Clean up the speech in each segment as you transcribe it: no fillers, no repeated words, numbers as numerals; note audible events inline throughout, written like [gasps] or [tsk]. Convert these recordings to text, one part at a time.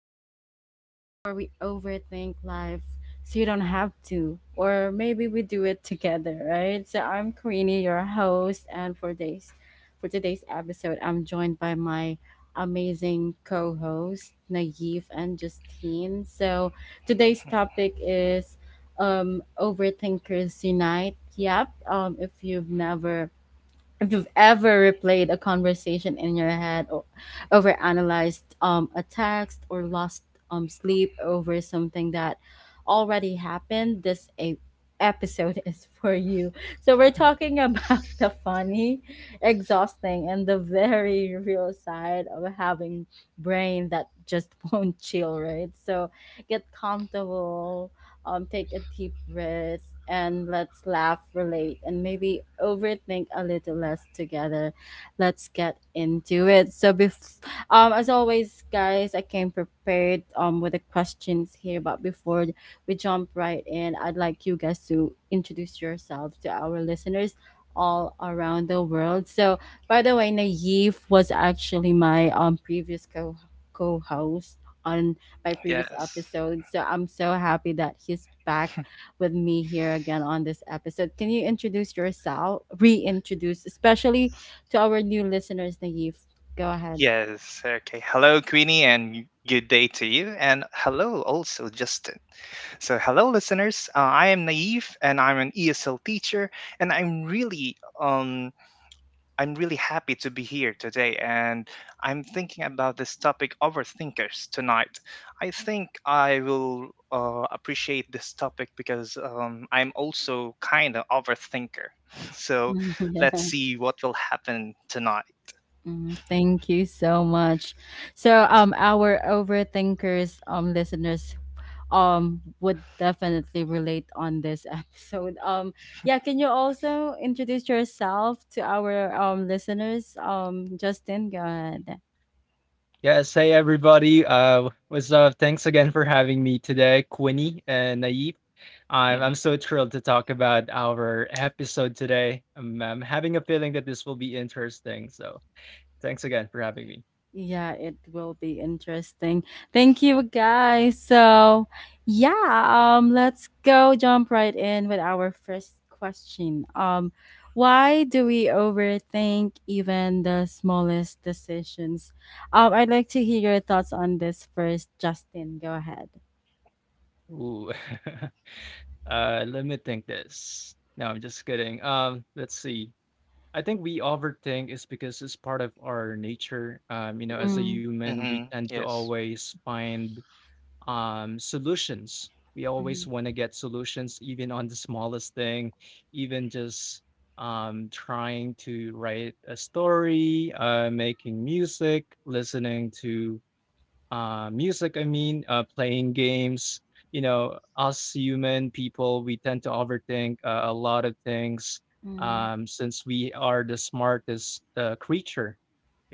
Queenie, where we overthink life so you don't have to, or maybe we do it together, right? So I'm Queenie, your host, and for today's episode, I'm joined by my amazing co-host Naive and Justine. So today's topic is overthinkers unite. Yep. If you've ever replayed a conversation in your head or overanalyzed a text or lost sleep over something that already happened, this episode [laughs] is for you. So, we're talking about [laughs] the funny, exhausting, and the very real side of having brain that just [laughs] won't chill, right? So, get comfortable, take a deep breath and let's laugh, relate, and maybe overthink a little less together. Let's get into it. So, as always, guys, I came prepared with the questions here. But before we jump right in, I'd like you guys to introduce yourself to our listeners all around the world. So, by the way, Naive was actually my previous co co host on my previous Yes. episode. So I'm so happy that he's back with me here again on this episode. Can you introduce yourself, reintroduce, especially to our new listeners, Naive? Go ahead. Yes. Okay. Hello, Queenie, and good day to you. And hello, also, Justin. So, hello, listeners. I am Naive, and I'm an ESL teacher, and I'm really happy to be here today. And I'm thinking about this topic, overthinkers, tonight. I think I will appreciate this topic because I'm also kind of overthinker. [laughs] So, [laughs] let's Yeah. see what will happen tonight. Mm, thank you so much. So our overthinkers listeners would definitely relate on this [laughs] episode. Yeah, can you also introduce yourself to our listeners? Justin, go ahead. Yes, hey everybody. What's up? Thanks again for having me today, Quinny and Naif. I'm Mm-hmm. I'm so thrilled to talk about our episode today. I'm having a feeling that this will be interesting. So thanks again for having me. Yeah, it will be interesting. Thank you guys. So, yeah, let's go jump right in with our first question. Why do we overthink even the smallest decisions? I'd like to hear your thoughts on this first, Justin. Go ahead. Ooh, [laughs] let me think this. No, I'm just kidding. Let's see. I think we overthink is because it's part of our nature. You know, as a Mm, human, we Mm-hmm. tend to Yes. always find solutions. We mhm, always want to get solutions, even on the smallest thing, even just trying to write a story, making music, listening to music, I mean, playing games. You know, us human people, we tend to overthink a lot of things mm, since we are the smartest creature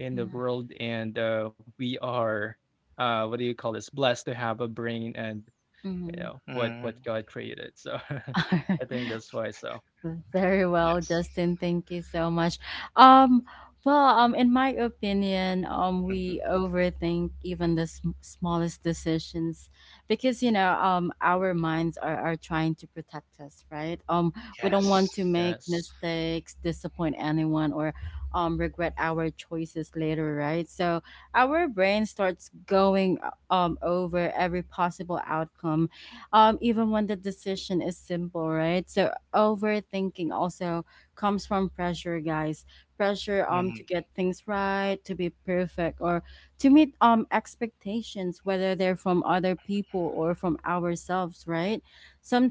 in the world, and we are, what do you call this? Blessed to have a brain and you mhm, know what Mm-hmm. what God created. So [laughs] mhm. I think [laughs] that's why. So Very well, Yes. Justin. Thank you so much. Um, well, in my opinion, we Mm-hmm. overthink even the smallest decisions because you know, our minds are trying to protect us, right? We don't want to Yes. make yes, mistakes, disappoint anyone, or regret our choices later, right? So our brain starts going over every possible outcome, even when the decision is simple, right? So overthinking also comes from pressure, guys. Pressure Mm-hmm. to get things right, to be perfect, or to meet expectations, whether they're from other people or from ourselves, right?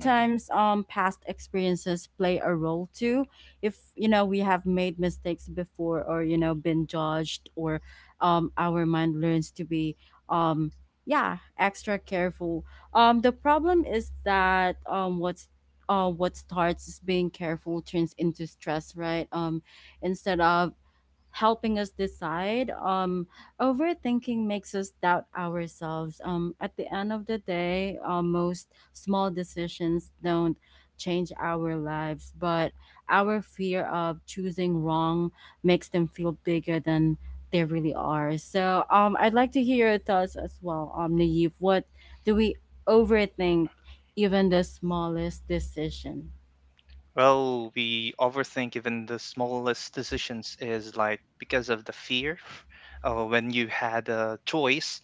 Mm-hmm. Past experiences play a role too. If you know we have made mistakes before or you know been judged, or our mind learns to be, um yeah, extra careful. The problem is that what starts as being careful turns into stress, right? Instead of helping us decide. Overthinking makes us doubt ourselves. At the end of the day, most small decisions don't change our lives, but our fear of choosing wrong makes them feel bigger than they really are. So, I'd like to hear your thoughts as well, Naive. What do we overthink? Even the smallest decision. Well, we overthink even the smallest decisions is like because of the fear. [laughs] When you had a choice,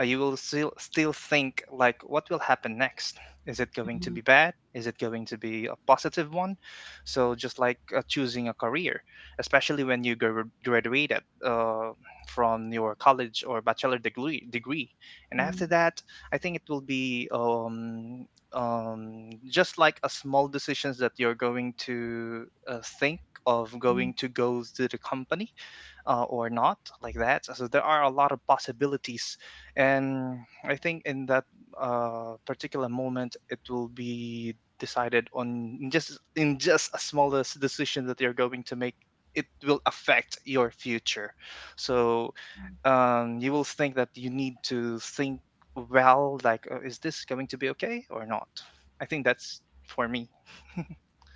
you will still think like, what will happen next? Is it going to be bad? Is it going to be a positive one? So just like choosing a career, especially when you graduated from your college or bachelor degree, and Mhm. after that, I think it will be um, just like a small decisions that you're going to think of going to go to the company or not, like that. So there are a lot of possibilities, and I think in that particular moment, it will be decided on in just a smallest decision that you're going to make. It will affect your future. So you will think that you need to think well, like, is this going to be okay or not? I think that's for me.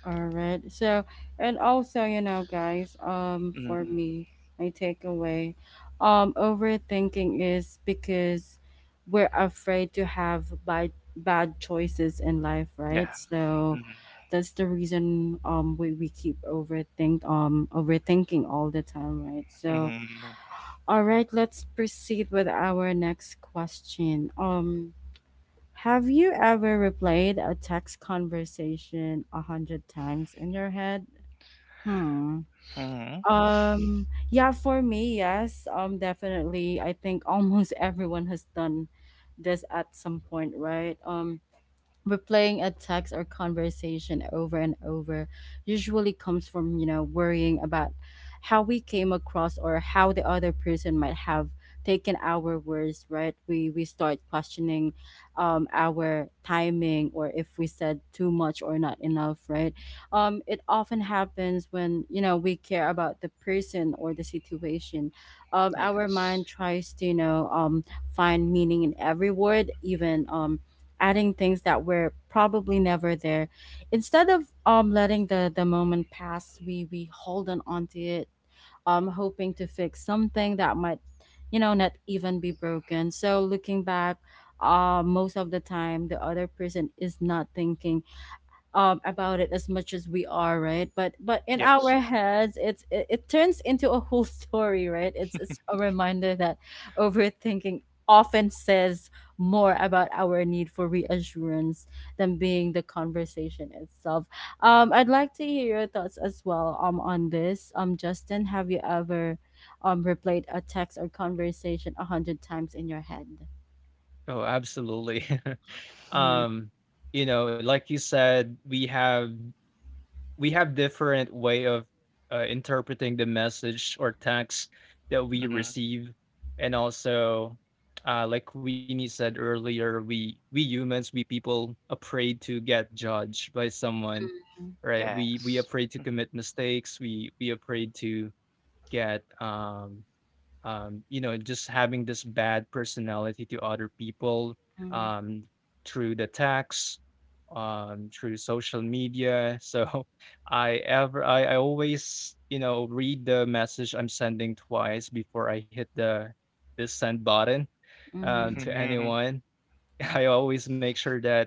All right. So, and also, you know, guys, for hmm me, my takeaway, overthinking is because we're afraid to have bad choices in life, Yeah. right? So hmm that's the reason um, we keep overthinking all the time, right? So hmm all right, let's proceed with our next question. Have you ever replayed a text conversation 100 times in your head? Hmm. hmm Yeah, for me, yes. Definitely. I think almost [laughs] everyone has done this at some point, right? Replaying a text or conversation over and over usually comes from you know worrying about how we came across or how the other person might have taken our words, right? We start questioning our timing or if we said too much or not enough, right? Um, it often happens when you know we care about the person or the situation. Um, our Yes. mind tries to, you know, find meaning in every word, even adding things that were probably never there. Instead of letting the moment pass, we hold on onto it, um, hoping to fix something that might, you know, not even be broken. So looking back, uh, most of the time the other person is not thinking about it as much as we are, right? But in Yes. our heads it turns into a whole [laughs] story, right? It's [laughs] a reminder that overthinking often says more about our need for reassurance than being the conversation itself. I'd like to hear your thoughts as well, on this, Justin. Have you ever replayed a text or conversation 100 times in your head? oh, absolutely. [laughs] Yeah, um, you know, like you said, we have different way of interpreting the message or text that we hmm receive, and also like Winnie said earlier, we humans, we people afraid to get judged by someone, right? We Yes. afraid to commit mistakes. We afraid to get you know, just having this bad personality to other people mm, um, through the text, through social media. So [laughs] I always, you know, read the message I'm sending twice before I hit the send button mm, to Mhm. anyone. [laughs] I always make sure that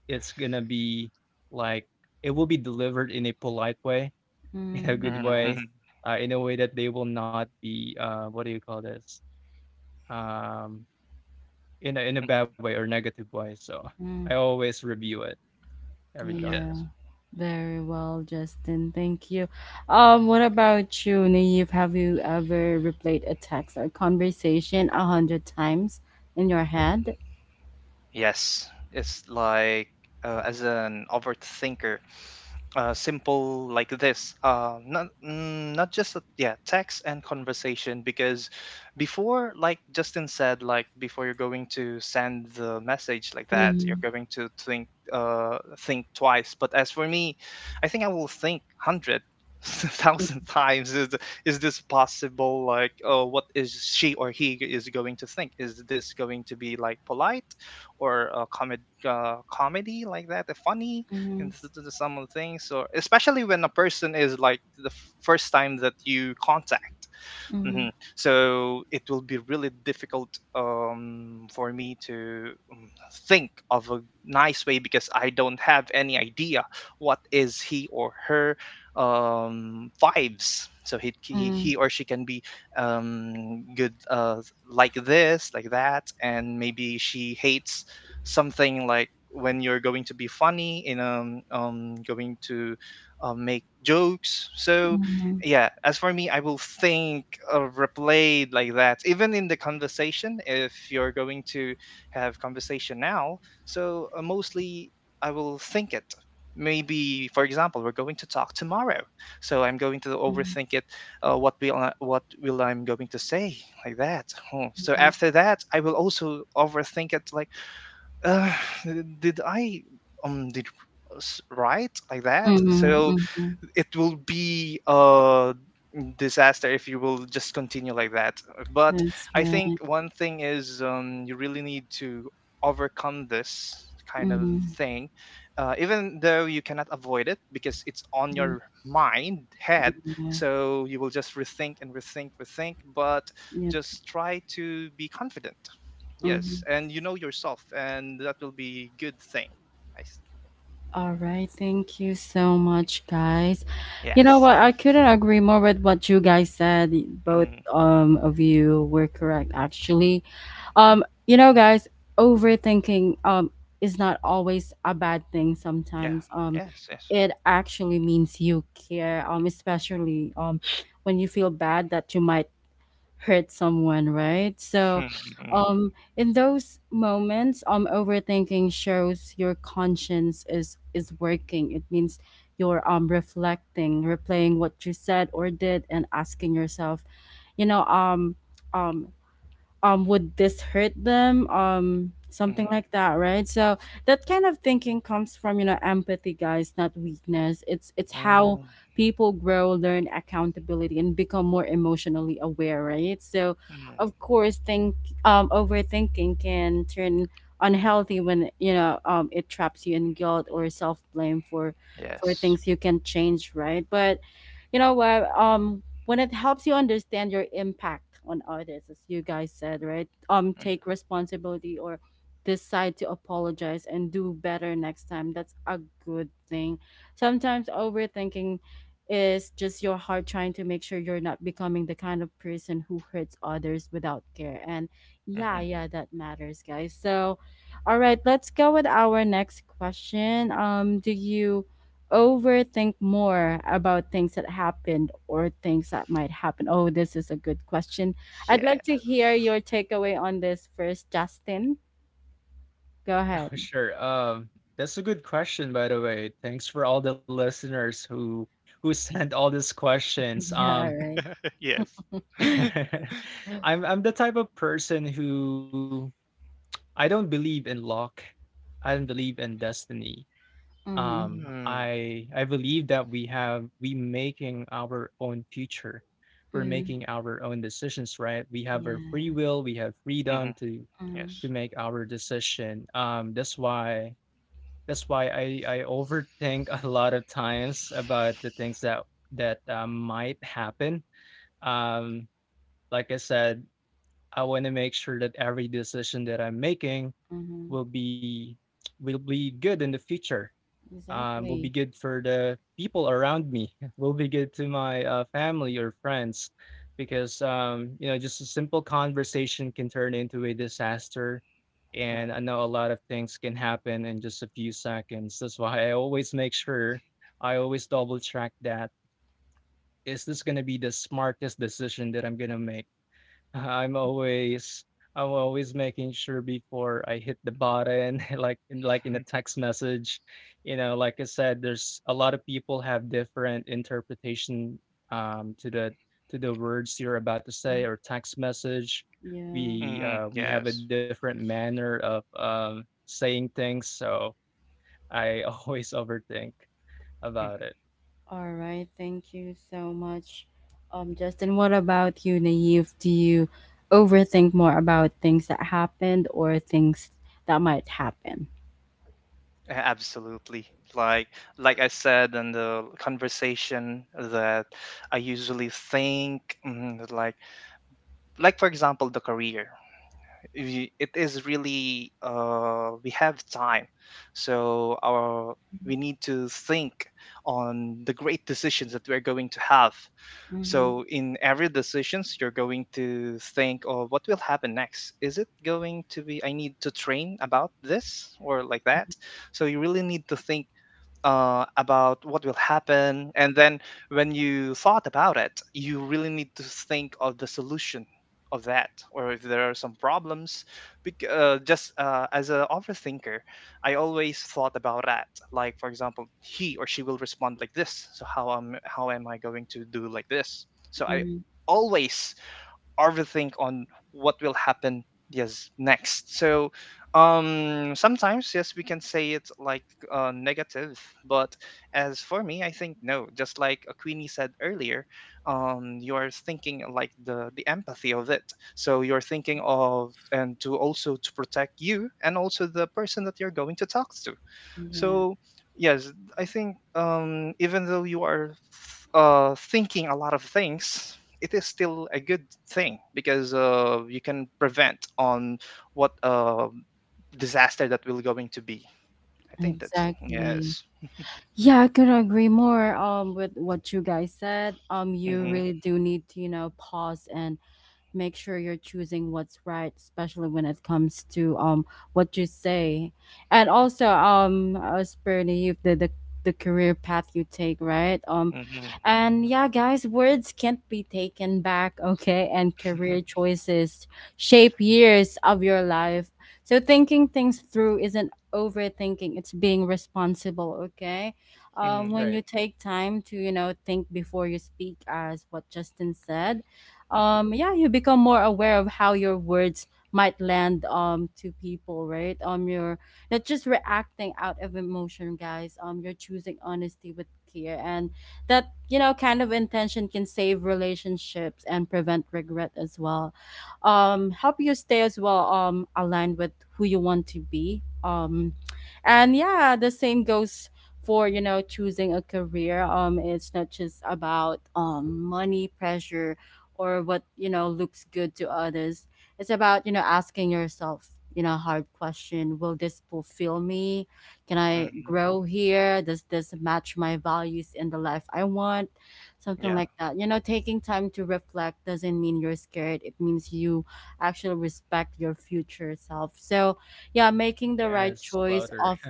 it's gonna be like it will be delivered in a polite way, [laughs] in a mm, good Mhm. yes. way, Mhm. In a way that they will not be what do you call this? Um, in a bad [laughs] way or negative way. So [laughs] Mm. I always review it every time. Yeah, Yes. [laughs] very well, Justin. Thank you. What about you, Naive? Have you ever replayed a text or conversation a hundred times in your head? Yes. It's like as an overthinker, simple like this, not just a, yeah, text and conversation because before, like Justin said, like before you're going to send the message like that, Mm-hmm. you're going to think, uh, think twice. But as for me, I think I will think 100 [laughs] thousand times. Is this possible? Like, oh, what is she or he is going to think? Is this going to be like polite or a comedy like that, funny Mm-hmm. into some of the things, or especially when a person is like the first time that you contact. Mm-hmm. hmm So it will be really difficult for me to think of a nice way because I don't have any idea what is he or her vibes. So he, he Mm-hmm. he or she can be good, like this, like that, and maybe she hates something like when you're going to be funny in going to make jokes. So Mm-hmm. yeah, as for me, I will think of replay like that even in the conversation. If you're going to have conversation now, so mostly I will think it. Maybe for example, we're going to talk tomorrow, so I'm going to overthink it. Uh, what will I, what will I'm going to say like that. Hmm. So after that, I will also overthink it like, uh, did I, did right, like that. Mm-hmm. So Mm-hmm. it will be a disaster if you will just continue like that. But That's I think right. one thing is, you really need to overcome this kind of Mm-hmm. thing, even though you cannot avoid it because it's on your mind, head. Yeah. So you will just rethink and rethink, rethink, but Yep. just try to be confident. Yes. And you know yourself, and that will be good thing. I s All right, thank you so much, guys. You know Yes. what? I couldn't agree more with what you guys said. Both Mm, of you were correct, actually. You know, guys, overthinking is not always a bad thing. yeah. Sometimes Yes. Yes. it actually means you care. Especially when you feel bad that you might hurt someone, right? So, Hmm, mm, in those moments, overthinking shows your conscience is working. It means you're reflecting, replaying what you said or did, and asking yourself, you know, um, um, would this hurt them, um, something mhm, like that, right? So that kind of thinking comes from, you know, empathy, guys, not weakness. It's how mm, people grow, learn accountability, and become more emotionally aware, right? So mm, of course, think overthinking can turn unhealthy when, you know, um, it traps you in guilt or self blame for Yes. things you can change, right? But you know what, um, when it helps you understand your impact on others, as you guys said, right, um, [laughs] Mm, take responsibility or decide to apologize and do better next time, that's a good thing. Sometimes overthinking is just your heart trying to make sure you're not becoming the kind of person who hurts others without care. And yeah, mhm, yeah, that matters, guys. So all right, let's go with our next question. Um, do you overthink more about things that happened or things that might happen? Oh, this is a good question. Yeah. I'd like to hear your takeaway on this first, Justin. Go Oh, ahead. [laughs] sure. That's a good question, by the way. Thanks for all the listeners who [laughs] sent all these questions. Yeah, right. [laughs] yes. [laughs] [laughs] I'm the type of person who I don't believe in luck. I don't believe in destiny. mm, mm, Mm, I believe that we making our own future. We're making our own decisions, right? We have our free yeah. will, we have mhm, freedom to Mm, to Yes. make our decision. That's why I overthink [laughs] a lot of times about the things that might happen. Um, like I said, I want to make sure that every decision that I'm making mm-hmm. will be will be good in the future, will be Exactly. good for the people around me, [laughs] will be good to my family or friends because, you know, just a simple conversation can turn into a disaster. Yeah. And I know a lot of things can happen in just a few seconds. That's why I always make sure I always double check that: is this going to be the smartest decision that I'm going to make? I'm always I'm always making sure before I hit the button, [laughs] like in a text message, you know, like I said, there's a lot of people have different interpretation to the words you're about to say Mm, or text message. yeah. We Mhm, uh, we have a Yes. different manner of saying things, so I [laughs] always overthink Mhm. about it. All right, thank you so much, Justin. What about you, Naive? Do you overthink more about things that happened or things that might happen? A- Absolutely. Like like I said in the conversation that I usually think, mm, like like for example the career, it is really, we have time, so our we need to think on the great decisions that we're going to have. Mm-hmm, So in every decisions, you're going to think, oh, what will happen next? Is it going to be, I need to train about this or like that. So you really need to think about what will happen. And then when you thought about it, you really need to think of the solution of that, or if there are some problems. Just as an overthinker, I always thought about that. Like for example, he or she will respond like this. So how am I going to do like this? So I mm-hmm. always overthink on what will happen yes next. So sometimes, yes, we can say it's like negative, but as for me, I think no. Just like, Queenie said earlier, you are thinking like the empathy of it. So you're thinking of and to also to protect you and also the person that you're going to talk to. Yeah, So yes, I think, even though you are thinking a lot of things, it is still a good thing because, you can prevent on what disaster that will going to be. I think that's, exactly. yes. Yeah, I could agree more with what you guys said. You Mm-hmm. really do need to, you know, pause and make sure you're choosing what's right, especially when it comes to what you say, and also as per the youth, the career path you take, right? Mm-hmm. And yeah, guys, words can't be taken back, [laughs] okay? And career [laughs] choices shape years of your life. So thinking things through isn't overthinking, it's being responsible, okay? When Right. you take time to, you know, think before you speak, as what Justin said, Mm-hmm. um, yeah, you become more aware of how your words might land to people, right? Um, you're not just reacting out of emotion, guys. Um, you're choosing honesty with care, and that, you know, kind of intention can save relationships and prevent regret as well. Um, help you stay as well aligned with who you want to be. Um, and yeah, the same goes for, you know, choosing a career. Um, it's not just about money pressure or what you know looks good to others. It's about, you know, asking yourself, you know, hard question, will this fulfill me? Can I Mm-hmm. grow here? Does this match my values in the life I want? Something Yeah. like that. You know, taking time to reflect doesn't mean you're scared. It means you actually respect your future self. So yeah, making the right Yes, choice louder. of, [laughs]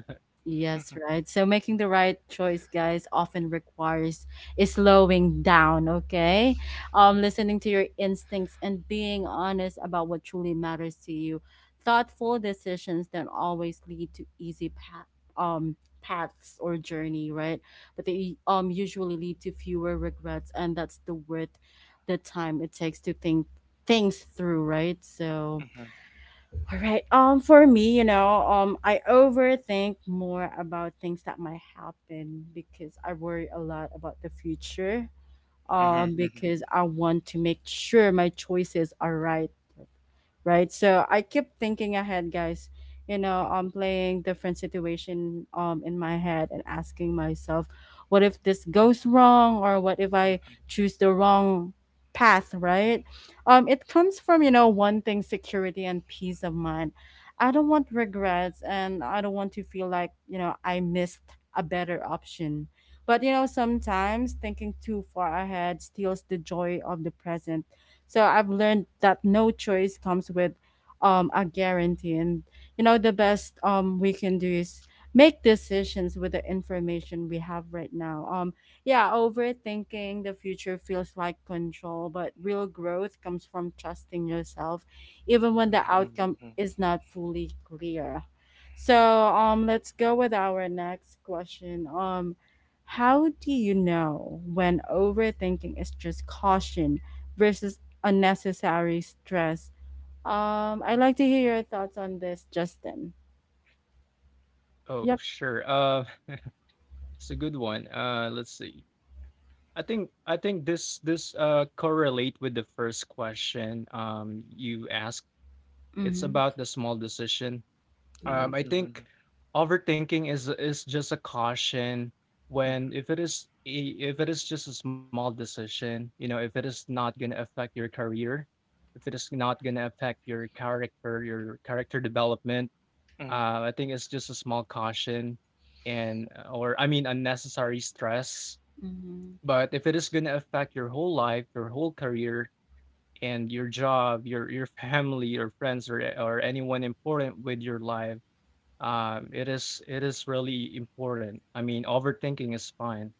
yes, [laughs] right. So making the right choice, guys, often requires is slowing down, okay? Um, listening to your instincts, and being honest about what truly matters to you. Thoughtful decisions don't always lead to easy path, um, paths or journey, right? But they usually lead to fewer regrets, and that's the worth the time it takes to think things through, right? So, all right. For me, you know, I overthink more about things that might happen because I worry a lot about the future Mhm, mhm, mhm, because I want to make sure my choices are right, right? So I keep thinking ahead, guys. You know, I'm playing different situation in my head and asking myself, what if this goes wrong or what if mhm, I mhm, choose the wrong path, right? It comes from, one thing, security and peace of mind. I don't want regrets and I don't want to feel like, I missed a better option. But sometimes thinking too far ahead steals the joy of the present, so I've learned that no choice comes with a guarantee. And, the best we can do is make decisions with the information we have right now. Yeah, overthinking the future feels like control, but real growth comes from trusting yourself, even when the mhm, mhm, outcome mhm, is not fully clear. So let's go with our next question. How do you know when overthinking is just caution versus unnecessary stress? I'd like to hear your thoughts on this, Justin. Oh, Yep. sure. It's a good one. Let's see. I think this correlate with the first question you asked. It's Mm-hmm. about the small decision. Yeah. I think mhm, overthinking is just a caution mhm, when mhm, if it is just a small decision, you know, if it is not going to affect your career, if it is not going to affect your character development, mhm, I think it's just a small caution and, or I mean, unnecessary stress. Mm-hmm. But if it is going to affect your whole life, your whole career, and your job, your family, your friends, or anyone important with your life, it is really important. I mean, overthinking is fine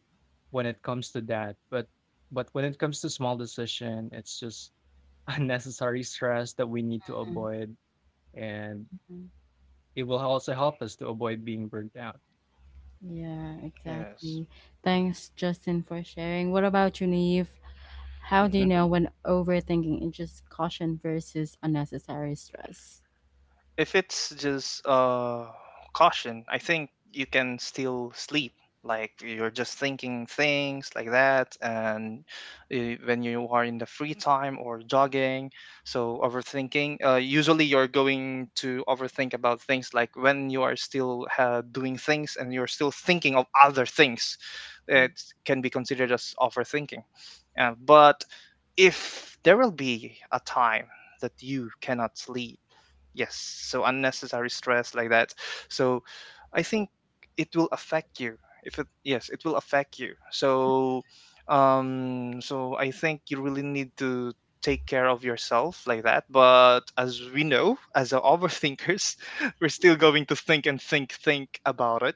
when it comes to that, but when it comes to small decision, it's just [laughs] unnecessary stress that we need to avoid, and Mm-hmm. it will also help us to avoid being burnt out. Yeah, exactly. Thanks, Justin, for sharing. What about you, Naive? How do you Yes. know when overthinking is just caution versus unnecessary stress? If it's just caution, I think you can still sleep. Like, you're just thinking things like that, and when you are in the free time or jogging, so overthinking. Usually, you're going to overthink about things like when you are still doing things and you're still thinking of other things. It Mm. can be considered as overthinking. But if there will be a time that you cannot sleep, yes, so unnecessary stress like that. So I think it will affect you. If it, yes, it will affect you. So so I think you really need to take care of yourself like that. But as we know, as a overthinkers, [laughs] we're still going to think and think about it.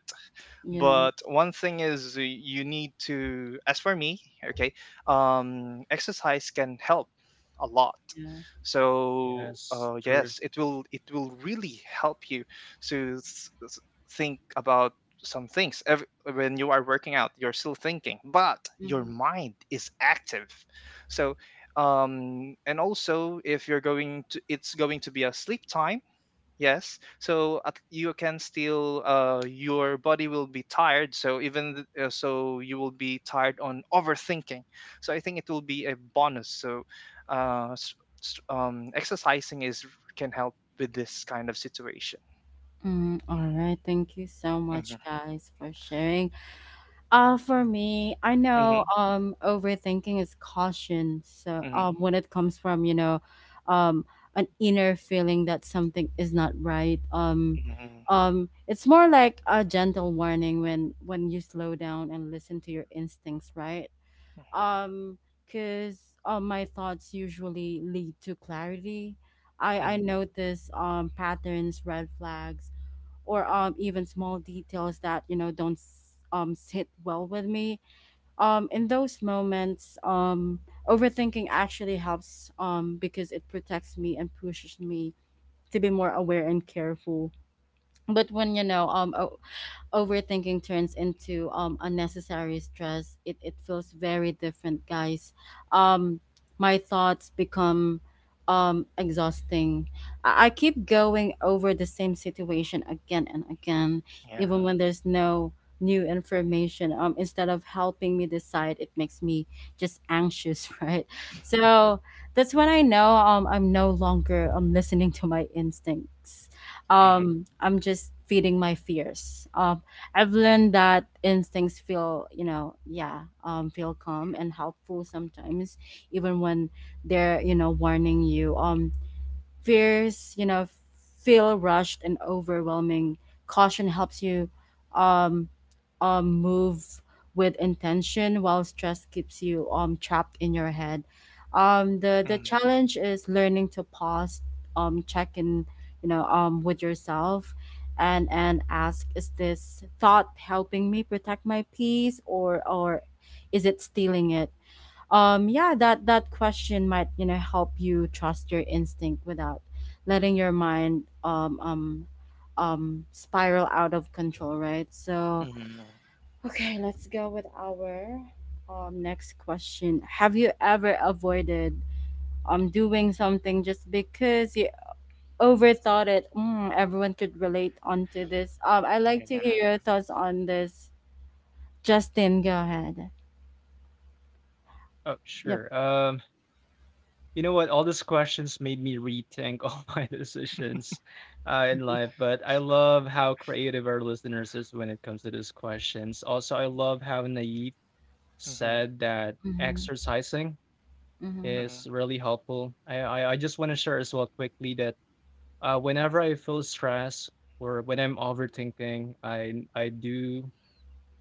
Yeah, But one thing is, you need to, as for me, okay, exercise can help a lot. yeah. So Yes, true. yes, it will really help you to think about some things. When you are working out, you're still thinking, but your Mm-hmm. mind is active. So and also if you're going to, it's going to be a sleep time. Yes. So at, you can still your body will be tired, so even so you will be tired on overthinking. So I think it will be a bonus. So uh s- exercising is can help with this kind of situation. Mm, all right. Thank you so Mhm. much, guys, for sharing. For me, I know Mhm. Overthinking is caution. So Mhm. When it comes from, um an inner feeling that something is not right. Mhm. It's more like a gentle warning when you slow down and listen to your instincts, right? Um Cuz my thoughts usually lead to clarity. I Mhm. notice patterns, red flags, or even small details that you know don't sit well with me in those moments overthinking actually helps because it protects me and pushes me to be more aware and careful. But when you know overthinking turns into unnecessary stress, it feels very different, guys. Um my thoughts become exhausting. I keep going over the same situation again and again, Yeah. even when there's no new information. Instead of helping me decide, it makes me just anxious, [laughs] right? So that's when I know I'm no longer listening to my instincts. Mhm. I'm just feeding my fears. I've learned that instincts feel, you know, yeah, feel calm and helpful sometimes, even when they're, you know, warning you. Fears, you know, feel rushed and overwhelming. Caution helps you um, move with intention, while stress keeps you trapped in your head. The Mhm. challenge is learning to pause, check in, with yourself, and ask: is this thought helping me protect my peace, or is it stealing it? Yeah, that question might you know help you trust your instinct without letting your mind spiral out of control, right? So Mhm. okay, let's go with our next question. Have you ever avoided doing something just because you overthought it? Mm, everyone could relate onto this. I Yeah. like to hear your thoughts on this, Justin. Go ahead. Oh, Yep. sure. You know what? All these questions made me rethink all [laughs] my decisions in life, but I love how creative our listeners is when it comes to these questions. Also, I love how Naive Mhm. said that Mm-hmm, exercising mm-hmm, is really helpful. I just want to share as well quickly that whenever I feel stress or when I'm overthinking, I do.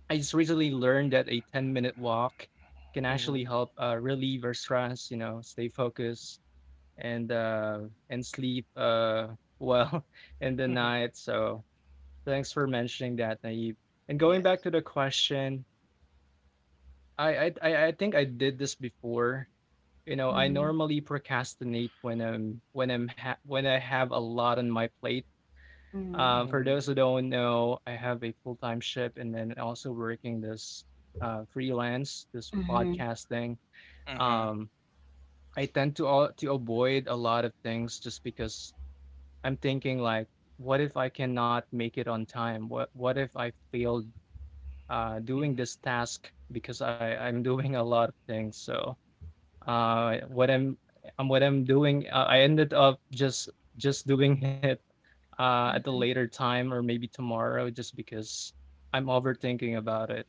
I just recently learned that a 10-minute walk can actually Mhm. help relieve our stress, you know, stay focused and sleep [laughs] well in the Mhm. [laughs] night. So thanks for mentioning that, Naive. And going back Yes. to the question, I think I did this before. You know, I mm-hmm, normally procrastinate when I have a lot on my plate. mm-hmm. For Mhm. those who don't know, I have a full time ship and then also working this freelance, this Mm-hmm. podcasting. Mhm. Um, I tend to avoid a lot of things just because I'm thinking like, what if I cannot make it on time? What if I failed Mm. doing this task because I'm [laughs] doing a lot of things. So uh, what I'm what I'm doing, I ended up just doing it at a later time or maybe tomorrow, just because I'm overthinking about it.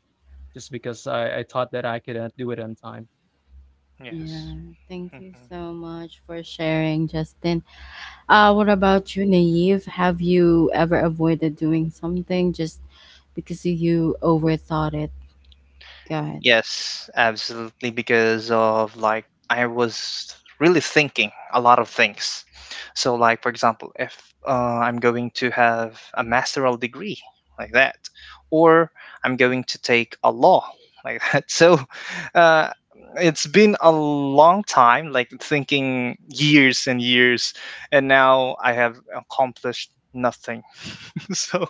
Just because I thought that I couldn't do it on time. Yes. Yeah, thank Mhm. you so much for sharing, Justin. What about you, Naive? Have you ever avoided doing something just because you overthought it? Go ahead. Yes, absolutely. Because of like, I was really thinking a lot of things. So, like, for example, if uh, I'm going to have a masteral degree like that, or I'm going to take a law like [laughs] that. So, uh, it's been a long time, like thinking years and years, and now I have accomplished nothing. [laughs] So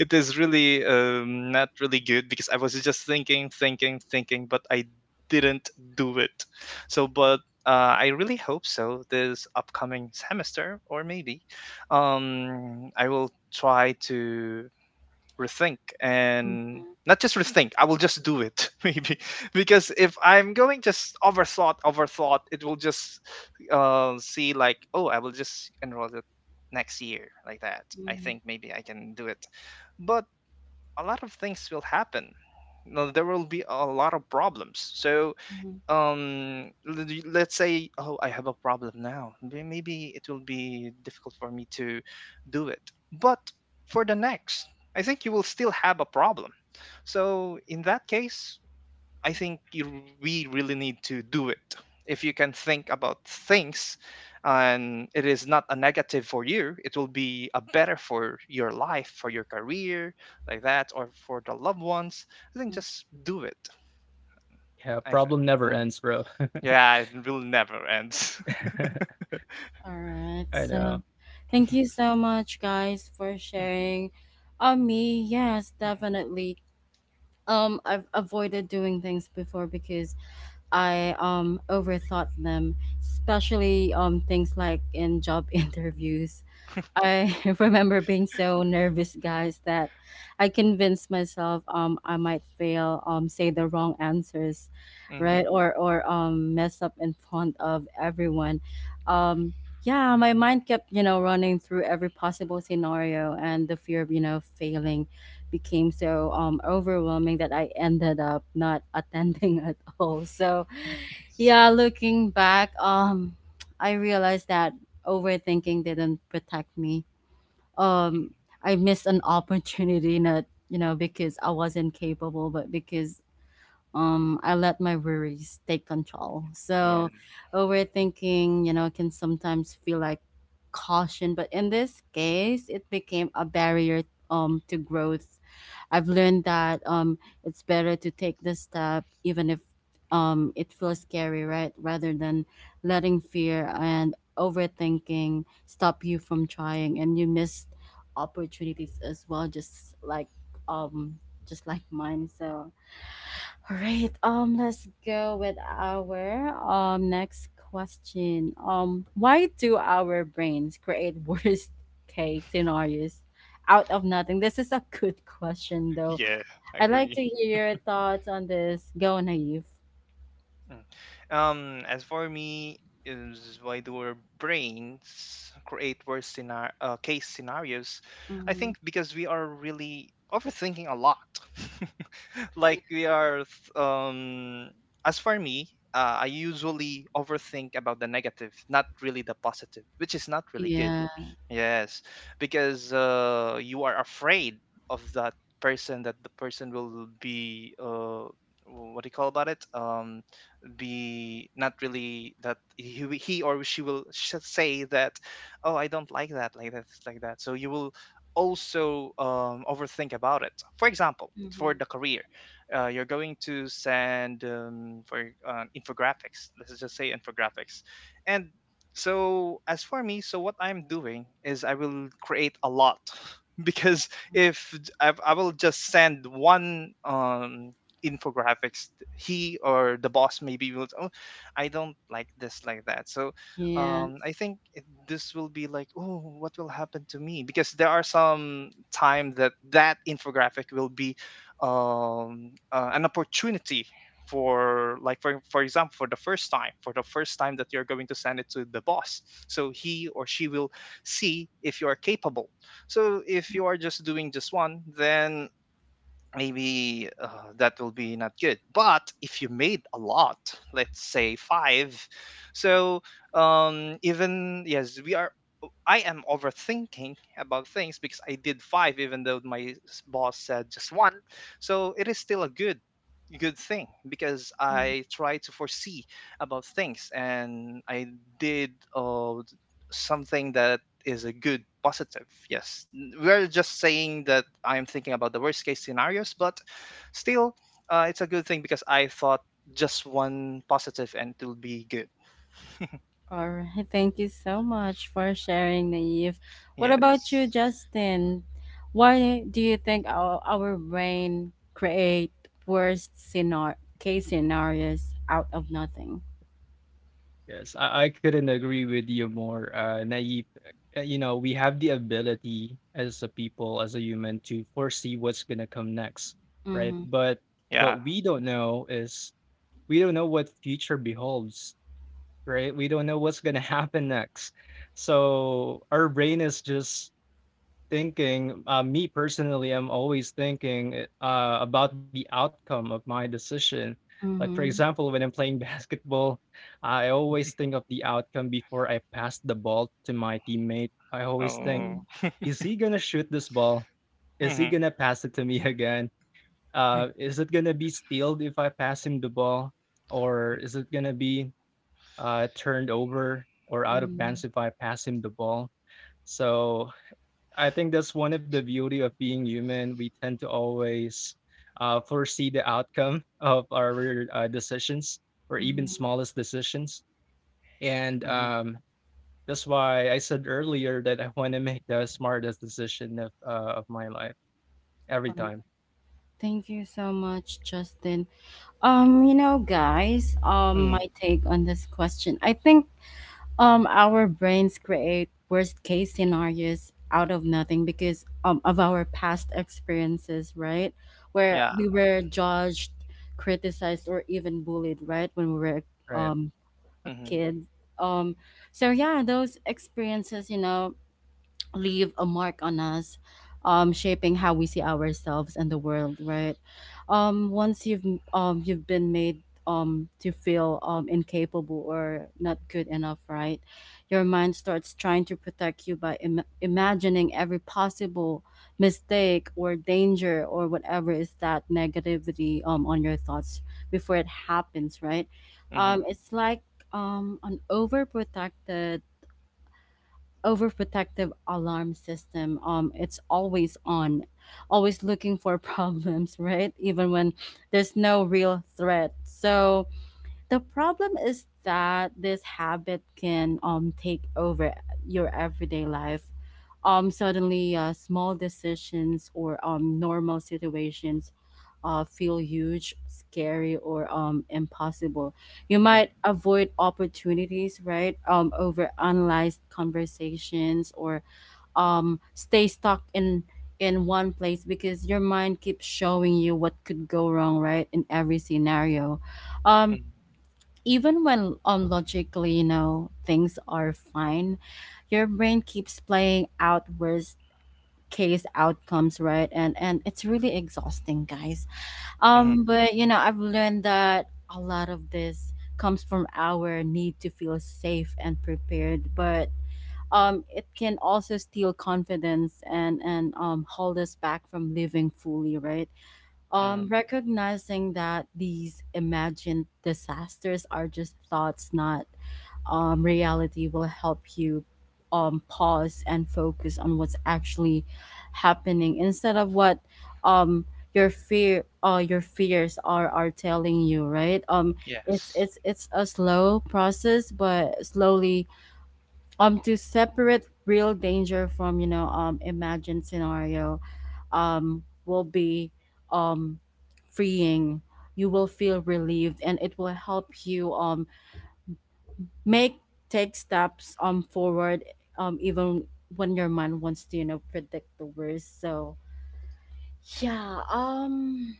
it is really, not really good because I was just thinking, thinking, thinking, but I didn't do it. So, but I really hope so this upcoming semester, or maybe um, I will try to rethink, Mhm, and not just rethink, I will just do it [laughs] maybe. Because if I'm going just overthought, it will just see like, oh, I will just enroll it next year like that. I mhm, think maybe I can do it, but a lot of things will happen. No, there will be a lot of problems, so mhm. Let's say, oh, I have a problem now. Maybe it will be difficult for me to do it, but for the next, I think you will still have a problem. So in that case, I think we really need to do it. If you can think about things and it is not a negative for you, it will be a better for your life, for your career like that, or for the loved ones, I think Mhm. just do it. Yeah, I think. problem never Hmm. ends, bro. Yeah, it will never end. [laughs] All I right. know. So thank you [laughs] so much, guys, for sharing. On me, yes, definitely. I've avoided doing things before because I overthought them, especially things like in job [laughs] interviews. I [laughs] remember being so nervous, guys, that I convinced myself I might fail, say the wrong answers, hmm right? Or mess up in front of everyone. Um yeah, my mind kept, you know, running through every possible scenario, and the fear of, you know, failing became so overwhelming that I ended up not attending [laughs] at all. So Yes. yeah, looking back, I realized that overthinking didn't protect me. Mm. Um, I missed an [laughs] opportunity, not you know because I wasn't capable, but because I let my worries take control. Yeah, So overthinking, you know, can sometimes feel like caution, but in this case, it became a barrier to growth. I've learned that it's better to take the step even if it feels scary, right? Rather than letting fear and overthinking stop you from trying, and you miss opportunities as well, just like um mine. So all right. Let's go with our next question. Why do our brains create [laughs] worst case scenarios out of nothing? This is a good question, though. yeah, I I'd like to agree. hear your thoughts on this. Go, Naive. Mm. As for me, is why do our brains create case scenarios? I Mm-hmm. think because we are really overthinking a lot. [laughs] Like we are, as for me, I usually overthink about the negative, not really the positive, which is not really good. Yeah. Yes, because you are afraid of that person, that the person will be, what do you call about it? Be not really that he or she will say that, oh, I don't like that, like that, like that. So you will also overthink about it. For example, for Mm-hmm. the career, you're going to send for infographics. Let's just say infographics. And so as for me, so what I'm doing is I will create a lot [laughs] because if j- I will just send one infographics, he or the boss maybe will, oh, I don't like this, like that. So Yeah. I think this will be like, oh, what will happen to me? Because there are some time that that infographic will be an opportunity for, for example, for the first time, for the first time that you're going to send it to the boss, so he or she will see if you are capable. So if you are just doing just one, then maybe, that will be not good. But if you made a lot, let's say five, so even, yes, we are, I am overthinking about things, because I did five, even though my boss said just one. So it is still a good good thing, because I try to foresee about things, and I did something that is a good positive. Yes, we're just saying that I'm thinking about the worst case scenarios, but still, it's a good thing because I thought just one positive and it will be good. All right. Thank you so much for sharing, Naive. What about Yes. you, Justin? Why do you think our, brain create worst case scenarios out of nothing? Yes, I couldn't agree with you more, Naive. You know, we have the ability as a people, as a human, to foresee what's gonna come next, right? Mm-hmm. But Yeah. what we don't know is we don't know what future beholds, right? We don't know what's gonna [laughs] happen next. So our brain is just thinking, me personally, I'm always thinking about the outcome of my decision. Like, for Mm-hmm. example, when I'm playing [laughs] basketball, I always think of the outcome before I pass the ball to my teammate. I always think, Oh. Mm-hmm. is he going to shoot this ball? Is he Mm-hmm. going to pass it to me [laughs] again? Hmm. Is it going to be stealed if I pass him the ball? Or is it going to be turned over or out of Mm-hmm. bounds if I pass him the ball? So I think that's one of the beauty of being human. We tend to always foresee the outcome [laughs] of our decisions or even Mm-hmm. smallest decisions. And Mm-hmm. That's why I said earlier that I want to make the smartest decision of my life every All right. time. Thank you so much, Justin. You know, guys, Mm, my take on this question: I think our brains create worst case scenarios out of nothing because of our past experiences, right, where yeah. we were judged, criticized, or even bullied, right, when we were Right. um a Mm-hmm. kid. Um so yeah, those experiences you know leave a mark on us, shaping how we see ourselves and the world, right? Once you've been made to feel incapable or not good enough, right, your mind starts trying to protect you by imagining every possible mistake or danger, or whatever is that negativity on your thoughts before it happens, right? Mm-hmm. It's like an overprotected overprotective alarm system. It's always on, always looking for [laughs] problems, right? Even when there's no real threat. So the problem is that this habit can take over your everyday life. Suddenly, small decisions or normal situations feel huge, scary, or impossible. You Mm, might avoid opportunities, right? Over analyzed conversations, or stay stuck in one place because your mind keeps showing you what could go wrong, right? In every scenario, um, mm, even when logically you know things are fine, your brain keeps playing out worst case outcomes, right? And it's really exhausting, guys. mm, But you know, I've learned that a lot of this comes from our need to feel safe and prepared, but it can also steal confidence and hold us back from living fully, right? mm. Recognizing that these imagined disasters are just thoughts, not reality, will help you pause and focus on what's actually happening instead of what um, your your fears are telling you, right? It's Yes. A slow process, but slowly to separate real danger from you know imagined scenario will be um freeing. You will feel relieved, and it will help you make take steps forward even when your mind wants to you know predict the worst. So yeah,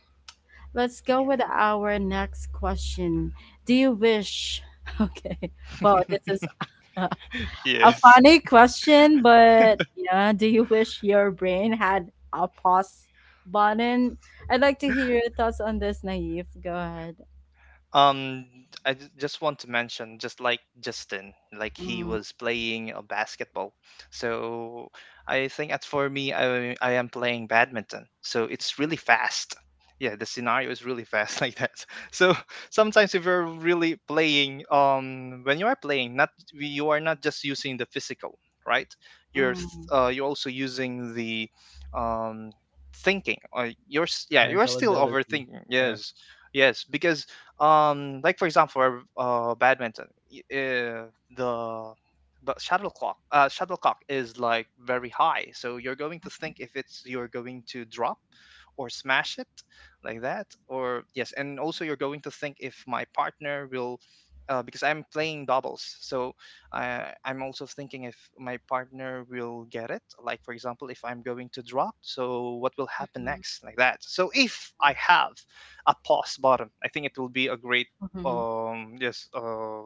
let's go Yeah. with our next question. Do you wish [laughs] okay, wow, this is [laughs] [laughs] a Yes. funny question, but yeah, do you wish your brain had a pause button? I'd like to hear your thoughts on this, Naive. Go ahead. Um, I just want to mention, just like Justin, like he Mm, was playing a basketball. So I think as for me, I am playing badminton. So it's really fast. Yeah, the scenario is really fast [laughs] like that. So sometimes if you're really playing, when you are playing, not, you are not just using the physical, right? Mm, You're also using the um thinking. Or you're yeah, you are Mental still ability. overthinking. Yeah. Yes, yes, because like for example badminton, y- uh, the but shuttlecock, shuttlecock is like very high, so you're going to think if it's, you're going to drop or smash it like that, or yes. And also you're going to think if my partner will, because I'm playing doubles. So I'm also thinking if my partner will get it. Like, for example, if I'm going to drop, so what will happen mhm, next, like that. So if I have a pause button, I think it will be a great mhm. um yes uh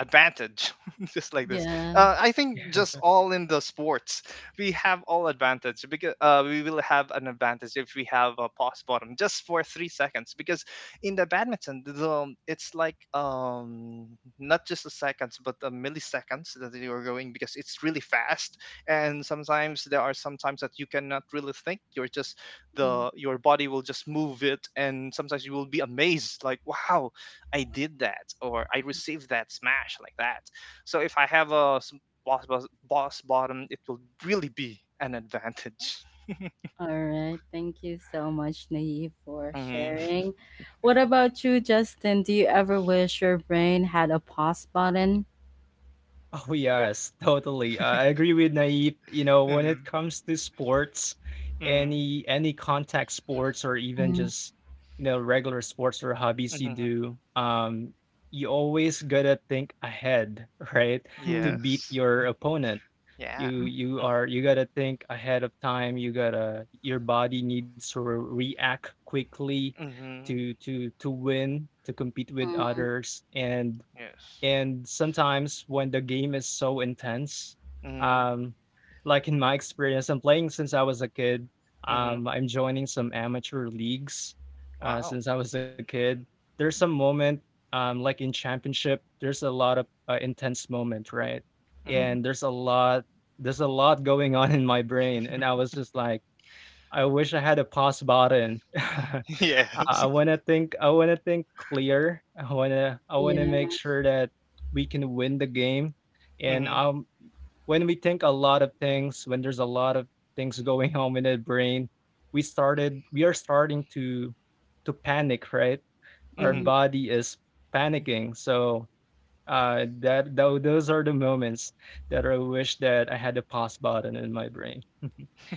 advantage [laughs] just like this. Yeah. I think just [laughs] all in the sports we have all advantage, because, we will have an advantage if we have a pause bottom just for 3 seconds. Because in the badminton the, it's like, not just the seconds but the milliseconds that you are going, because it's really fast. And sometimes there are sometimes that you cannot really think, you're just, Mm. the your body will just move it. And sometimes you will be amazed, like wow, I did that or I received that smash like that. So if I have boss, boss, boss bottom, it will really be an advantage. All right. Thank you so much, Naive, for Mm-hmm. sharing. What about you, Justin? Do you ever wish your brain had a pause button? Oh Yep. yes, totally. I agree with Naive. You know, when Mm-hmm. it comes to sports, Mm-hmm. Any contact sports or even Mm, just you know regular sports or hobbies you Hmm. do, you always gotta think ahead, [laughs] right? To mm, beat Yes. your opponent, Yeah. Mm-hmm. You gotta think ahead of time. Your body needs to react quickly Mm-hmm. To win, to compete with mm, others. and Yes. and sometimes when the game is so intense, Mm-hmm. um, like in my experience, I'm playing since I was a kid. Mm-hmm. I'm joining some amateur leagues Wow. since I was a kid. There's some moment, like in championship, there's a lot of intense moment, right? Mm. mm. And there's a lot going on in my brain, and I was just like, I wish I had a pause button. [laughs] [laughs] Yes. I wanna think clear. I wanna Yeah. make sure that we can win the game, and, Mm-hmm. When we think a lot of things, when there's a lot of things going [laughs] on in the brain, we are starting to panic, right? Our Mm-hmm. Mm. body is panicking, so that tho those are the moments that I wish that I had the pause button in my brain. [laughs]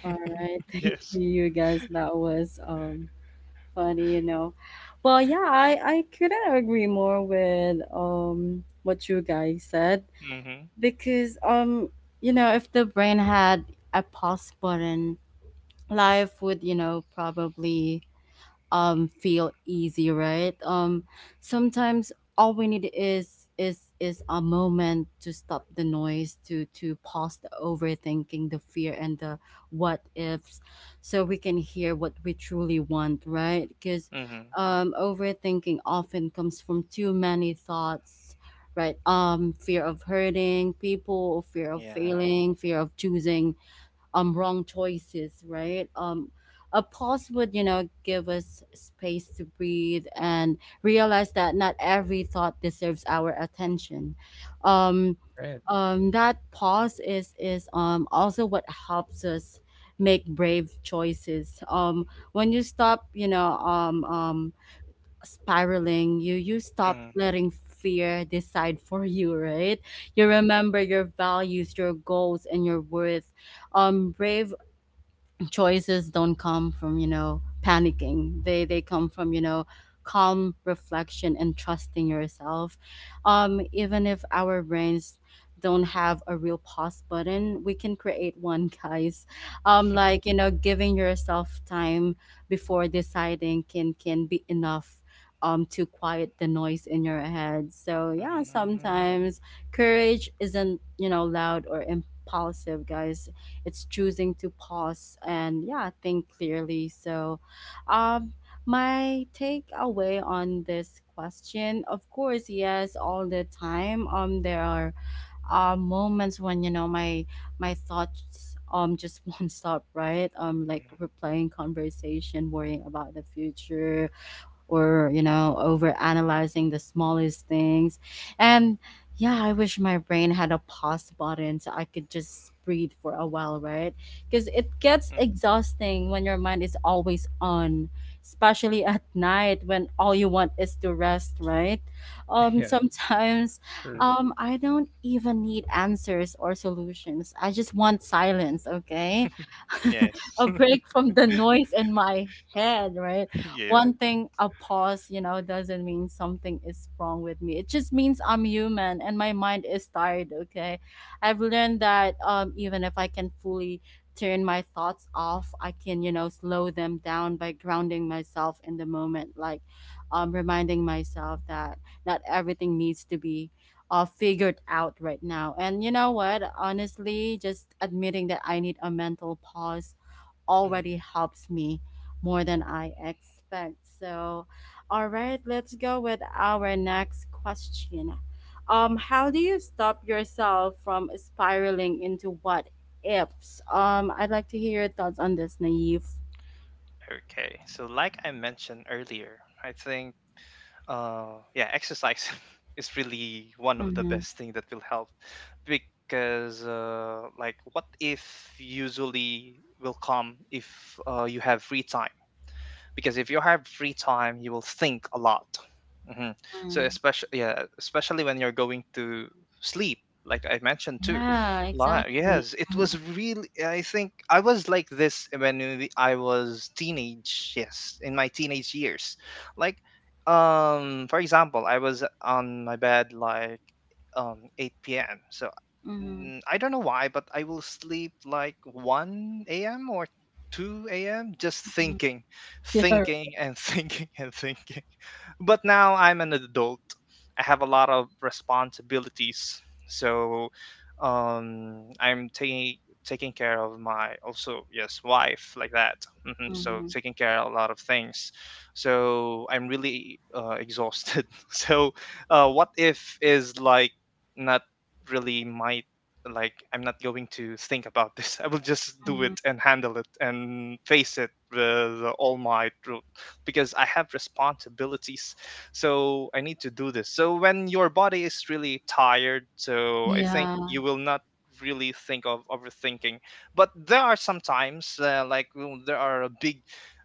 All right. [laughs] Thank Yes. you, you guys. That was funny, you know. Well, yeah, I couldn't agree more with what you guys said Mm-hmm. because you know if the brain had a pause button, life would you know probably feel easy, right? Sometimes all we need is a moment to stop the noise, to pause the overthinking, the fear, and the what ifs, so we can hear what we truly want, right? Because Mm-hmm. Overthinking often comes from too many thoughts, right? Fear of hurting people, fear of Yeah. failing, fear of choosing wrong choices, right? A pause would, you know, give us space to breathe and realize that not every thought deserves our attention. Um Right. That pause is also what helps us make brave choices. When you stop, you know, spiraling, you stop Mm. letting fear decide for you, right? You Mm. remember your values, your goals, and your worth. Brave choices don't come from you know panicking, they come from you know calm reflection and trusting yourself. Even if our brains don't have a real pause button, we can create one, [laughs] guys. Like you know giving yourself time before deciding can be enough to quiet the noise in your head. So yeah, Mm. sometimes courage isn't you know loud or impulsive, guys, it's choosing to pause and yeah, think clearly. So um, my takeaway on this question, of course, yes, all the time. There are moments when you know my thoughts just [laughs] won't stop, right? Like Mm. replaying conversation, worrying about the future, or over analyzing the smallest things. And yeah, I wish my brain had a pause button so I could just breathe for a while, right? Because it gets exhausting when your mind is always on, especially at night when all you want is to rest, right? [laughs] [laughs] Yeah, Sometimes Mm. sure. I don't even need answers or solutions, I just want silence, okay? [laughs] Yes. A [laughs] break from the noise in my head, right? Yeah. One thing, a pause, you know, doesn't mean something is wrong with me. It just means I'm human and my mind is tired, okay? I've learned that even if I can fully turn my thoughts off, I can, you know, slow them down by grounding myself in the moment, like reminding myself that not everything needs to be figured out right now. And you know what? Honestly, just admitting that I need a mental pause Mm. already helps me more than I expect. So, all right, let's go with our next question. How do you stop yourself from spiraling into what ifs? I'd like to hear your thoughts on this, Naive. Okay. So, like I mentioned earlier, I think yeah, exercise [laughs] is really one of the Mm-hmm. best thing that will help, because like what if, usually will come if you have free time. Because if you have free time, you will think a lot. Hmm. So Mm. especially, yeah, especially when you're going to sleep, like I mentioned too. Yeah, Like, exactly. yes, it Mm-hmm. was really. I think I was like this when I was teenage. Yes, in my teenage years, like for example, I was on my bed like 8 p.m. So Mm-hmm. mm, I don't know why, but I will sleep like 1 a.m. or 2 a.m., just thinking [laughs] Yeah. thinking and [laughs] thinking and thinking. But now I'm an adult. I have a lot of responsibilities. So um, I'm taking care of my, also, yes, wife like that. Hmm. So Mm-hmm. taking care of a lot of things. So I'm really exhausted. [laughs] So what if is like not really my, like, I'm not going to think about this. [laughs] I will just do it Mm-hmm. and handle it and face it with all my because I have responsibilities. So I need to do this. So when your body is really tired, so I think Yeah. you will not really think of overthinking. But there are sometimes, like, well, there are a big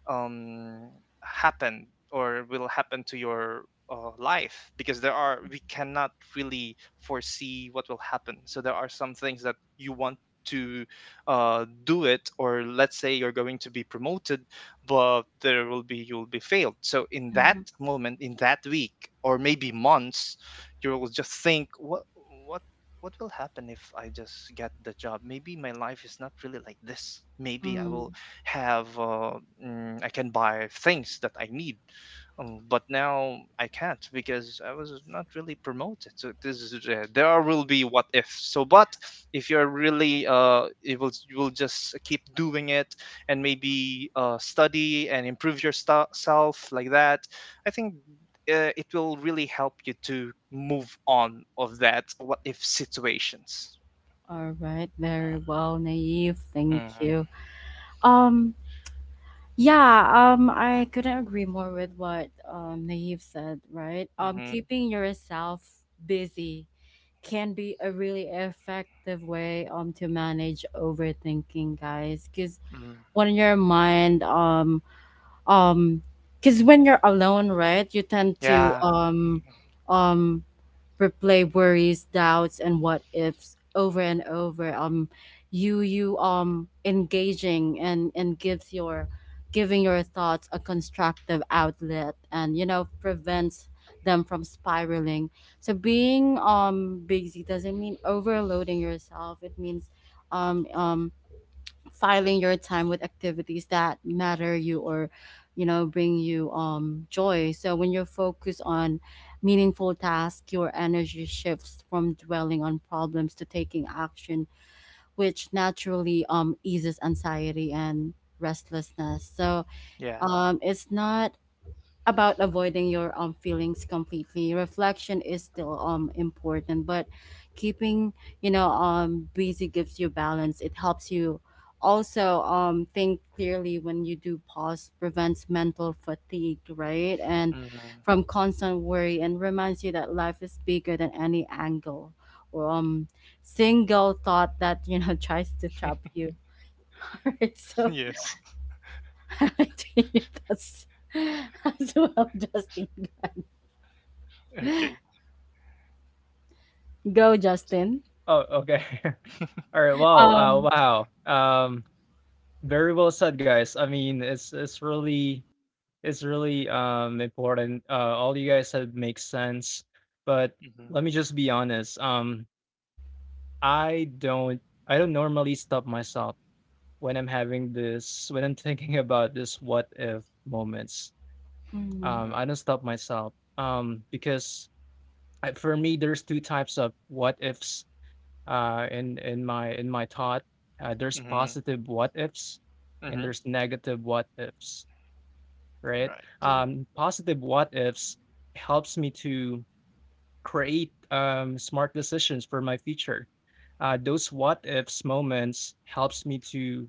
um happen or will happen to your life, because there are, we cannot really foresee what will happen. So there are some things that you want to do it, or let's say you're going to be promoted, but there will be, you will be failed. So in that Mhm, moment, in that week or maybe months, you will just think, what what will happen if I just get the job? Maybe my life is not really like this. Maybe I mm. will have I can buy things that I need, but now I can't because I was not really promoted. So this is there will be what if. So, but if you're really, it will, you will just keep doing it, and maybe, study and improve yourself like that, I think it will really help you to move on of that what if situations. All right, very well, Naive. Thank you. Mm-hmm. Um, yeah, I couldn't agree more with what Naive said, right? Mm-hmm. Keeping yourself busy can be a really effective way to manage overthinking, guys, because Mm. when your mind um because when you're alone, right, you tend to Yeah. Mhm. um replay worries, doubts, and what ifs over and over. Um you you um engaging and gives your thoughts a constructive outlet, and you know, prevents them from spiraling. So being busy doesn't mean overloading yourself, it means um um filing your time with activities that matter you or you know, bring you joy. So when you focus on meaningful tasks, your energy shifts from dwelling on problems to taking action, which naturally eases anxiety and restlessness. So Yeah. It's not about avoiding your feelings completely. Reflection is still important, but keeping you know busy gives you balance. It helps you also think clearly. When you do pause, prevents mental fatigue, right, and from constant worry, and reminds you that life is bigger than any angle or single thought that, you know, [laughs] tries to trap Hmm. you. [laughs] All right, [laughs] so Yes. [laughs] I think that's [laughs] as well, Justin. Okay. [laughs] Go, Justin. Oh, okay. [laughs] All right. Wow. Um, Wow. Um, very well said, guys. I mean, it's really important. All you guys said makes sense, but Mm-hmm. let me just be honest. I don't I don't normally stop myself when I'm thinking about this what if moments. mhm, I don't stop myself. Because I, for me, there's two types of what ifs. In my thought, there's Mm-hmm. positive what ifs and Mm-hmm. there's negative what ifs, right? Right. mhm, Positive what ifs helps me to create smart decisions for my future. Those what ifs moments helps me to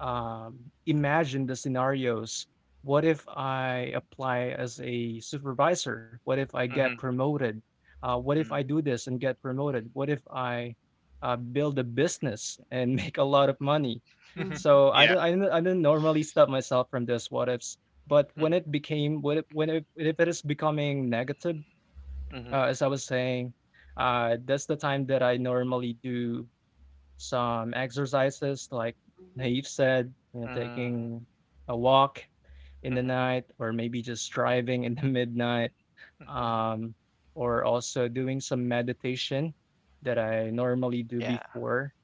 imagine the scenarios. What if I apply as a supervisor? What if I get Mm-hmm. promoted? What if I do this and get promoted? What if I build a business and [laughs] make a lot of money? Mm-hmm. mhm, So [laughs] Yeah. I don't normally stop myself from this what ifs. But when it became, when it, if it is becoming negative, Mm-hmm. as I was saying, that's the time that I normally do some exercises, like mhm, Naive said, you know, Mm, taking a walk in the mhm, night or maybe just driving in the [laughs] midnight mhm. um, or also doing some meditation that I normally do Yeah. before.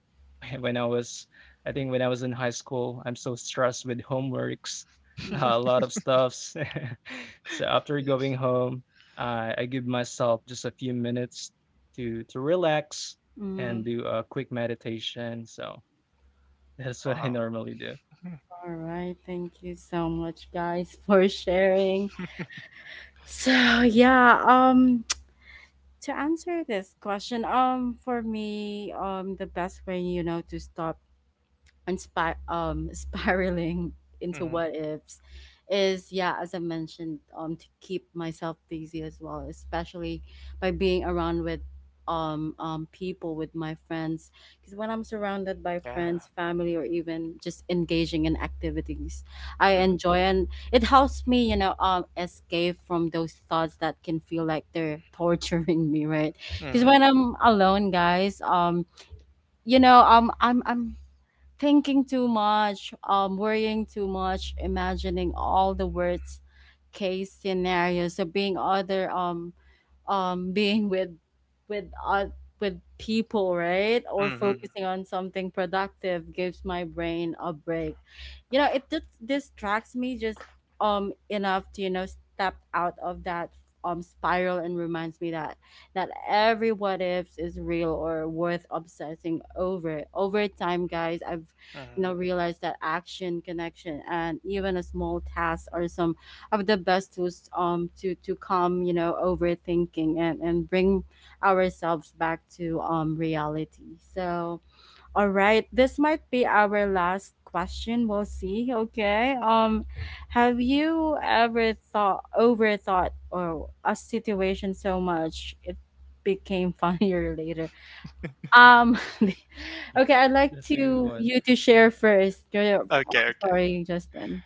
[laughs] When I was, I think when I was in high school, I'm so stressed with homeworks, [laughs] mhm, a lot [laughs] of stuffs. [laughs] So after Yes. going home, I give myself just a few minutes to relax Mm. and mhm. do a quick meditation. So [laughs] that's what I Wow. normally do. All right, thank you so much, guys, [laughs] for sharing. So yeah, [tsk] to answer this question, for me, the best way you know to stop and [laughs] spiraling into Mm-hmm. what ifs is yeah, as I mentioned, to keep myself busy as well, especially by being around with people, with my friends, because when I'm surrounded by Yeah. friends, family, or even just engaging in activities I Mm-hmm. enjoy, and it helps me, you know, escape from those thoughts that can feel like they're [laughs] torturing me, right? Because Mm-hmm. when I'm alone, guys, you know, um, I'm thinking too much, worrying too much, imagining all the words case scenario. So being other [laughs] being with uh, with people, right, or focusing on something productive gives my brain a break. You know, it just distracts me just enough to, you know, step out of that spiral and reminds me that every what ifs is real or worth obsessing over. Over time, guys, I've you know Mm-hmm. realized that action, connection, and even a small task or some of the best tools to calm, you know, overthinking and bring ourselves back to reality. So all right, this might be our last question, we'll see. Okay, um, have you ever thought overthought or a situation so much it became [laughs] funnier later? Um, [laughs] okay, I'd like That's a to good you one. to share first. Okay, I'm okay, sorry, Justin.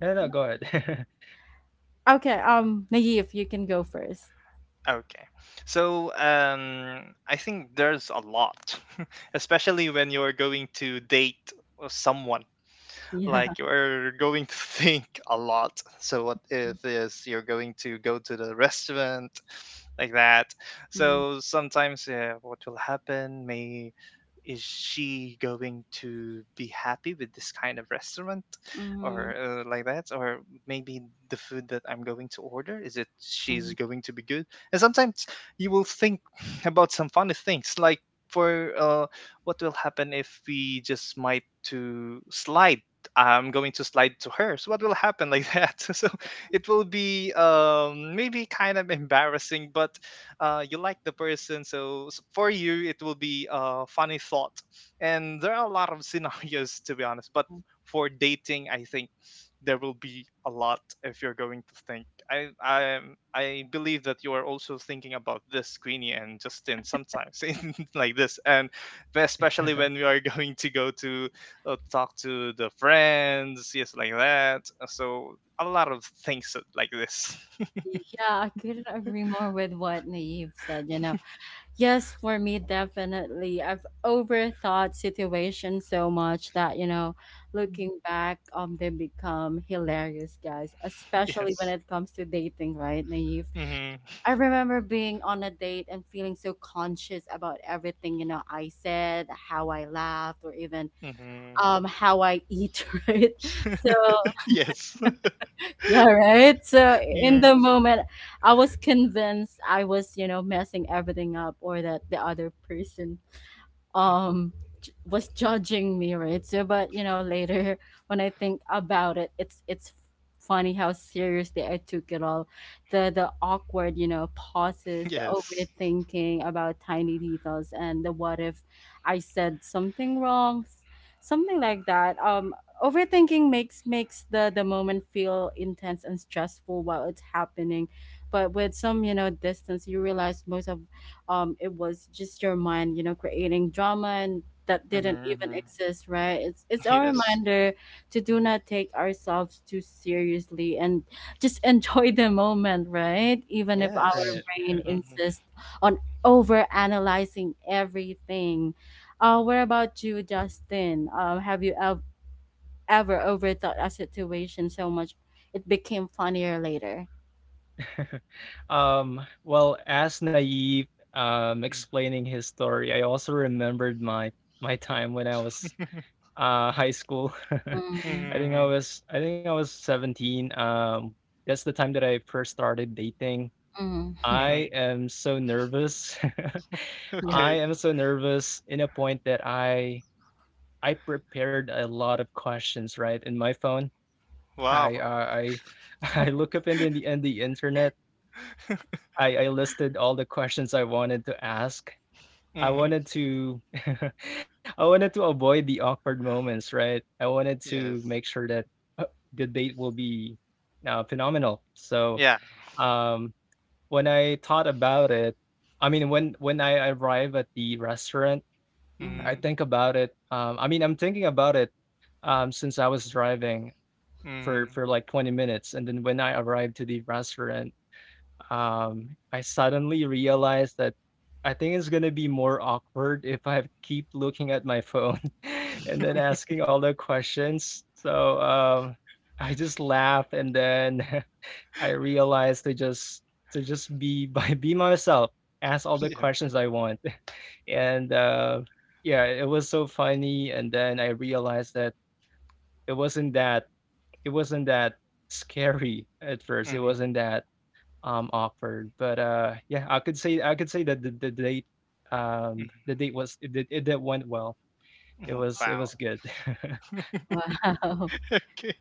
No, no, go ahead. Okay, Naive, you can go first. okay. So, I think there's a lot, [laughs] especially when you're going to date someone, like Yeah. you're going to [laughs] think a lot. So what if is you're going to go to the restaurant like that? Mm-hmm. So sometimes, what will happen may, is she going to be happy with this kind of restaurant, Mm-hmm. or like that, or maybe the food that I'm going to order, is it, she's Hmm. going to be good? And sometimes you will think [laughs] about some funny things, like, for what will happen if we just might to slide, I'm going to slide to her. So what will happen like that? [laughs] So it will be, maybe kind of embarrassing, but you like the person, so for you it will be a funny thought. And there are a lot of [laughs] scenarios, to be honest, but for dating, I think there will be a lot if you're going to think. I believe that you are also thinking about this, Queenie and Justin, sometimes [laughs] in like this, and especially when we [laughs] are [laughs] going to go to talk to the friends, yes, like that. So a lot of things so, like this. [laughs] Yeah, I couldn't agree more with what Naive said, you know. Yes, for me, definitely. I've overthought situations so much that, you know, looking back, they become hilarious, guys, especially when Yes. it comes to dating, right, Naive? Hmm. I remember being on a date and feeling so conscious about everything, you know, I said, how I laughed, or even Hmm. How I eat, [laughs] right? So Yes. [laughs] yeah, right. So in Mm. the moment, I was convinced I was, you know, messing everything up, or that the other person um was judging me, right? So but you know later [laughs] when I think about it, it's funny how seriously I took it all, the awkward, you know, pauses, the Yes. overthinking about tiny details, and the what if I said something wrong, something like that. Um, overthinking makes the moment feel intense and stressful while it's happening, but with some you know distance you realize most of it was just your mind, you know, creating drama and that didn't even Hmm. exist, right? It's a Yes. reminder to do not take ourselves too seriously and just [laughs] enjoy the moment, right, even if our Yes. Right. brain Mm-hmm. insists on over analyzing everything. Uh, what about you, Justin? Um, ever overthought a situation so much it became funnier later? [laughs] Well, as Naive explaining his story, I also remembered my time when I was high school. [laughs] Mm-hmm. Hmm. I think I was 17. That's the time that I first started dating. [laughs] I Hmm. am so nervous. [laughs] [laughs] Yeah. I Okay. am so nervous in a point that I prepared a lot of questions right in my phone. Wow. I [laughs] I look up in the internet. I listed all the questions I wanted to ask. I Hmm. wanted to [laughs] I wanted to avoid the awkward moments, right? I wanted Yes. to make sure that, the date will be, phenomenal. So, Yeah. um, when I thought about it I mean, when I arrive at the restaurant, Hmm. Mm. I mean, I'm thinking about it, since I was driving for Hmm. Like, 20 minutes, and then when I arrived to the restaurant, I suddenly realized that I think it's gonna be more awkward if I keep looking at my phone [laughs] and then [laughs] asking all the questions. So, I just laugh and then [laughs] I realized to just be [laughs] by be myself, ask all the Yes. questions I want. [laughs] And, yeah, it was so funny, and then I realized that it wasn't that it wasn't that scary at first. It Hmm. wasn't that offered. But, yeah, I could say that the date, Hmm. The date was it did went well. It Wow. was good. [laughs] Wow. [laughs] Okay.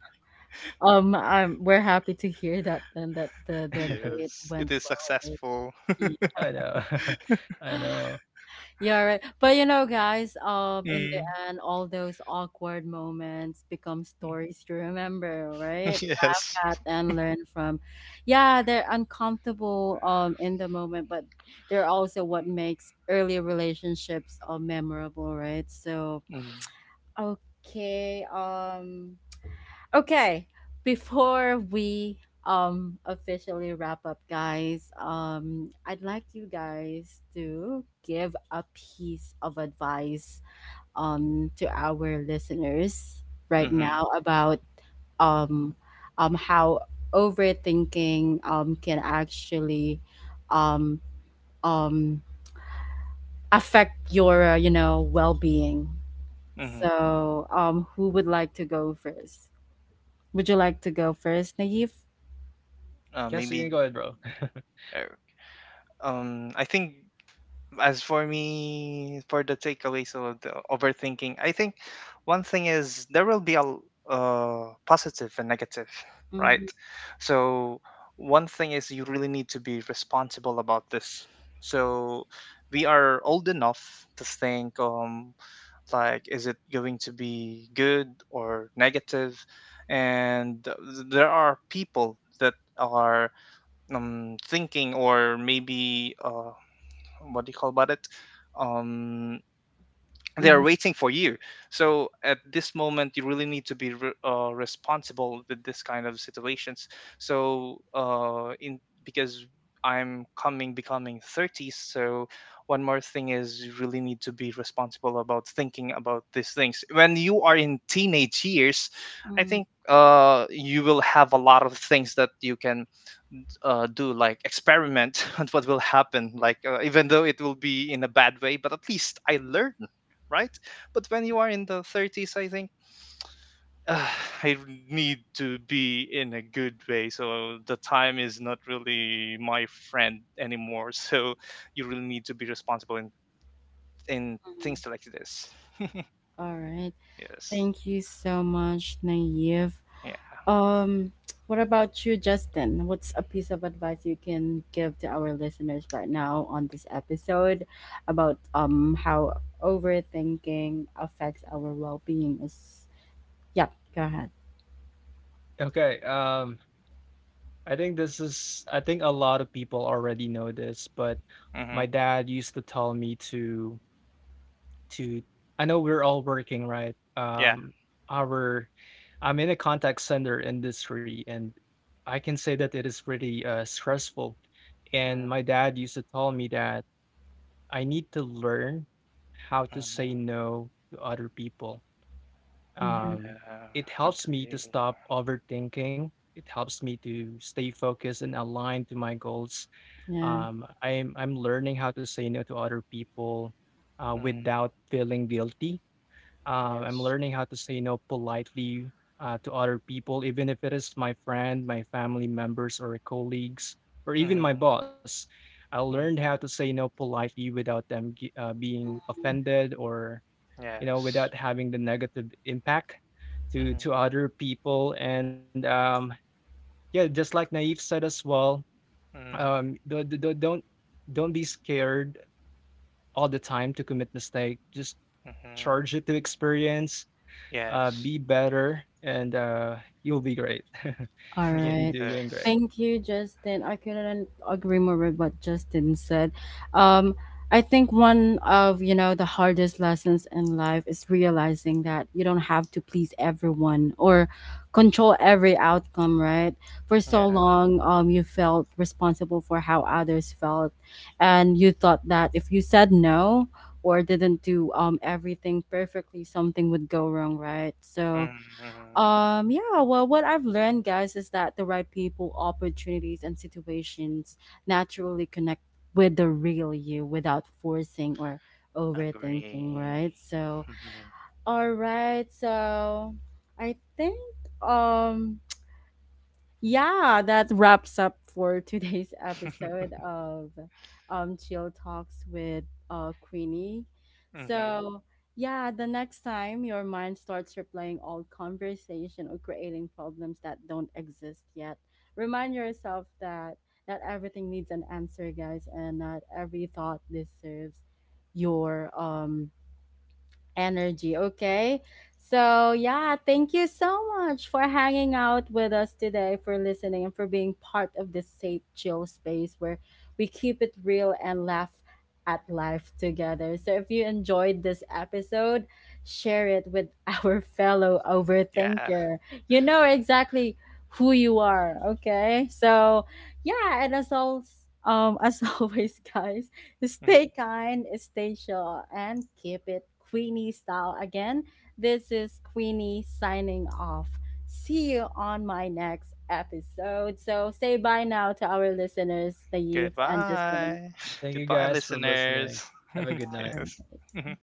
We're happy to hear that then, that the date Yes. It went is well, right? successful. Yeah. I know. [laughs] I [gasps] know. Yeah, right. But you know, guys, in the Mm. end, all those awkward moments become stories you remember, right? [laughs] Laugh Yes. at and learn from. Yeah, they're uncomfortable in the moment, but they're also what makes early relationships memorable, right? So, Mm-hmm. okay. Okay, before we officially wrap up, guys, I'd like you guys to give a piece of advice to our listeners right now about um how overthinking can actually um um affect your you know, well-being. Mm-hmm. So, who would like to go first? Would you like to go first, Naive? Yes, you can go Maybe. ahead, bro. [laughs] Uh, I think, as for me, for the takeaways of the overthinking, I think one thing is there will be positive and negative, right? Mhm, So one thing is you really need to be responsible about this. So we are old enough to think, like, is it going to be good or negative? And there are people that are thinking, or maybe, what do you call about it, um they are mhm, waiting for you. So at this moment you really need to be responsible with this kind of situations. So in, because I'm coming becoming 30, so one more thing is you really need to be responsible about thinking about these things. When you are in teenage years, I mm, think you will have a lot of things that you can do, like experiment [laughs] on what will happen, like, even though it will be in a bad way, but at least I learn, right? But when you are in the 30s, I think, [sighs] uh, I need to be in a good way. So the time is not really my friend anymore. [laughs] So you really need to be responsible in mhm. things like this. All right. Yes. Thank you so much, Naive. Yeah. Um, [tsk] what about you, Justin? What's a piece of advice you can give to our listeners right now on this episode about how overthinking affects our well-being? Is Yeah, go ahead. Okay, I think a lot of people already know this, but my Mm-hmm. dad used to tell me to I know we're all working, right? Yeah. Our I'm in a contact center industry, and I can say that it is pretty stressful. And Mm-hmm. my dad used to tell me that I need to learn how to Mm-hmm. say no to other people. Mm-hmm. Um, Yeah, it helps me to agree. stop overthinking. It helps me to stay focused and aligned to my goals. Yeah. I'm learning how to say no to other people Mm, without feeling guilty. I'm yes. learning how to say no politely to other people, even if it is my friend, my family members, or colleagues, or even my Mm-hmm. boss. I learned Mm-hmm. how to say no politely without them being offended or, you know, Yes. without having the negative impact to Mm-hmm. Other people. And yeah, just like Naive said as well, Mm-hmm. Don't be scared all the time to commit mistake. Just charge Mm-hmm. it to experience, be Yes. better, and you'll be great. All [laughs] [laughs] You'll be right. doing Yes. great. Thank you, Justin. I couldn't agree more with what Justin said. Um, I think one of, you know, the hardest lessons in life is realizing that you don't have to please everyone or control every outcome, right? For Yeah. so long, you felt responsible for how others felt, and you thought that if you said no or didn't do everything perfectly, something would go wrong, right? So, Mm-hmm. Yeah, well, what I've learned, guys, is that the right people, opportunities, and situations naturally connect with the real you, without forcing or overthinking, Agree. right? So, Mm-hmm. all right, so I think, um, yeah, that wraps up for [laughs] today's episode of Chill Talks with Queenie. [laughs] Mm-hmm. So, yeah, the next time your mind starts replaying old conversation or creating problems that don't exist yet, remind yourself that not everything needs an answer, guys, and not every thought deserves your energy. Okay. So, yeah, thank you so much for hanging out with us today, for listening, and for being part of this safe, chill space where we keep it real and laugh at life together. So, if you enjoyed this episode, share it with our [laughs] fellow Yeah. overthinker. You know exactly who you are. Okay. So, yeah, and as always, as [laughs] always, guys, Mm. stay kind, stay sure, and keep it Queenie style. Again, this is Queenie signing off. See you on my next episode. So say bye now to our listeners, the youth and Justin. Goodbye. [laughs] Thank you Goodbye, guys for listeners. listening. Have a All good [laughs] night. Yes. right. [laughs]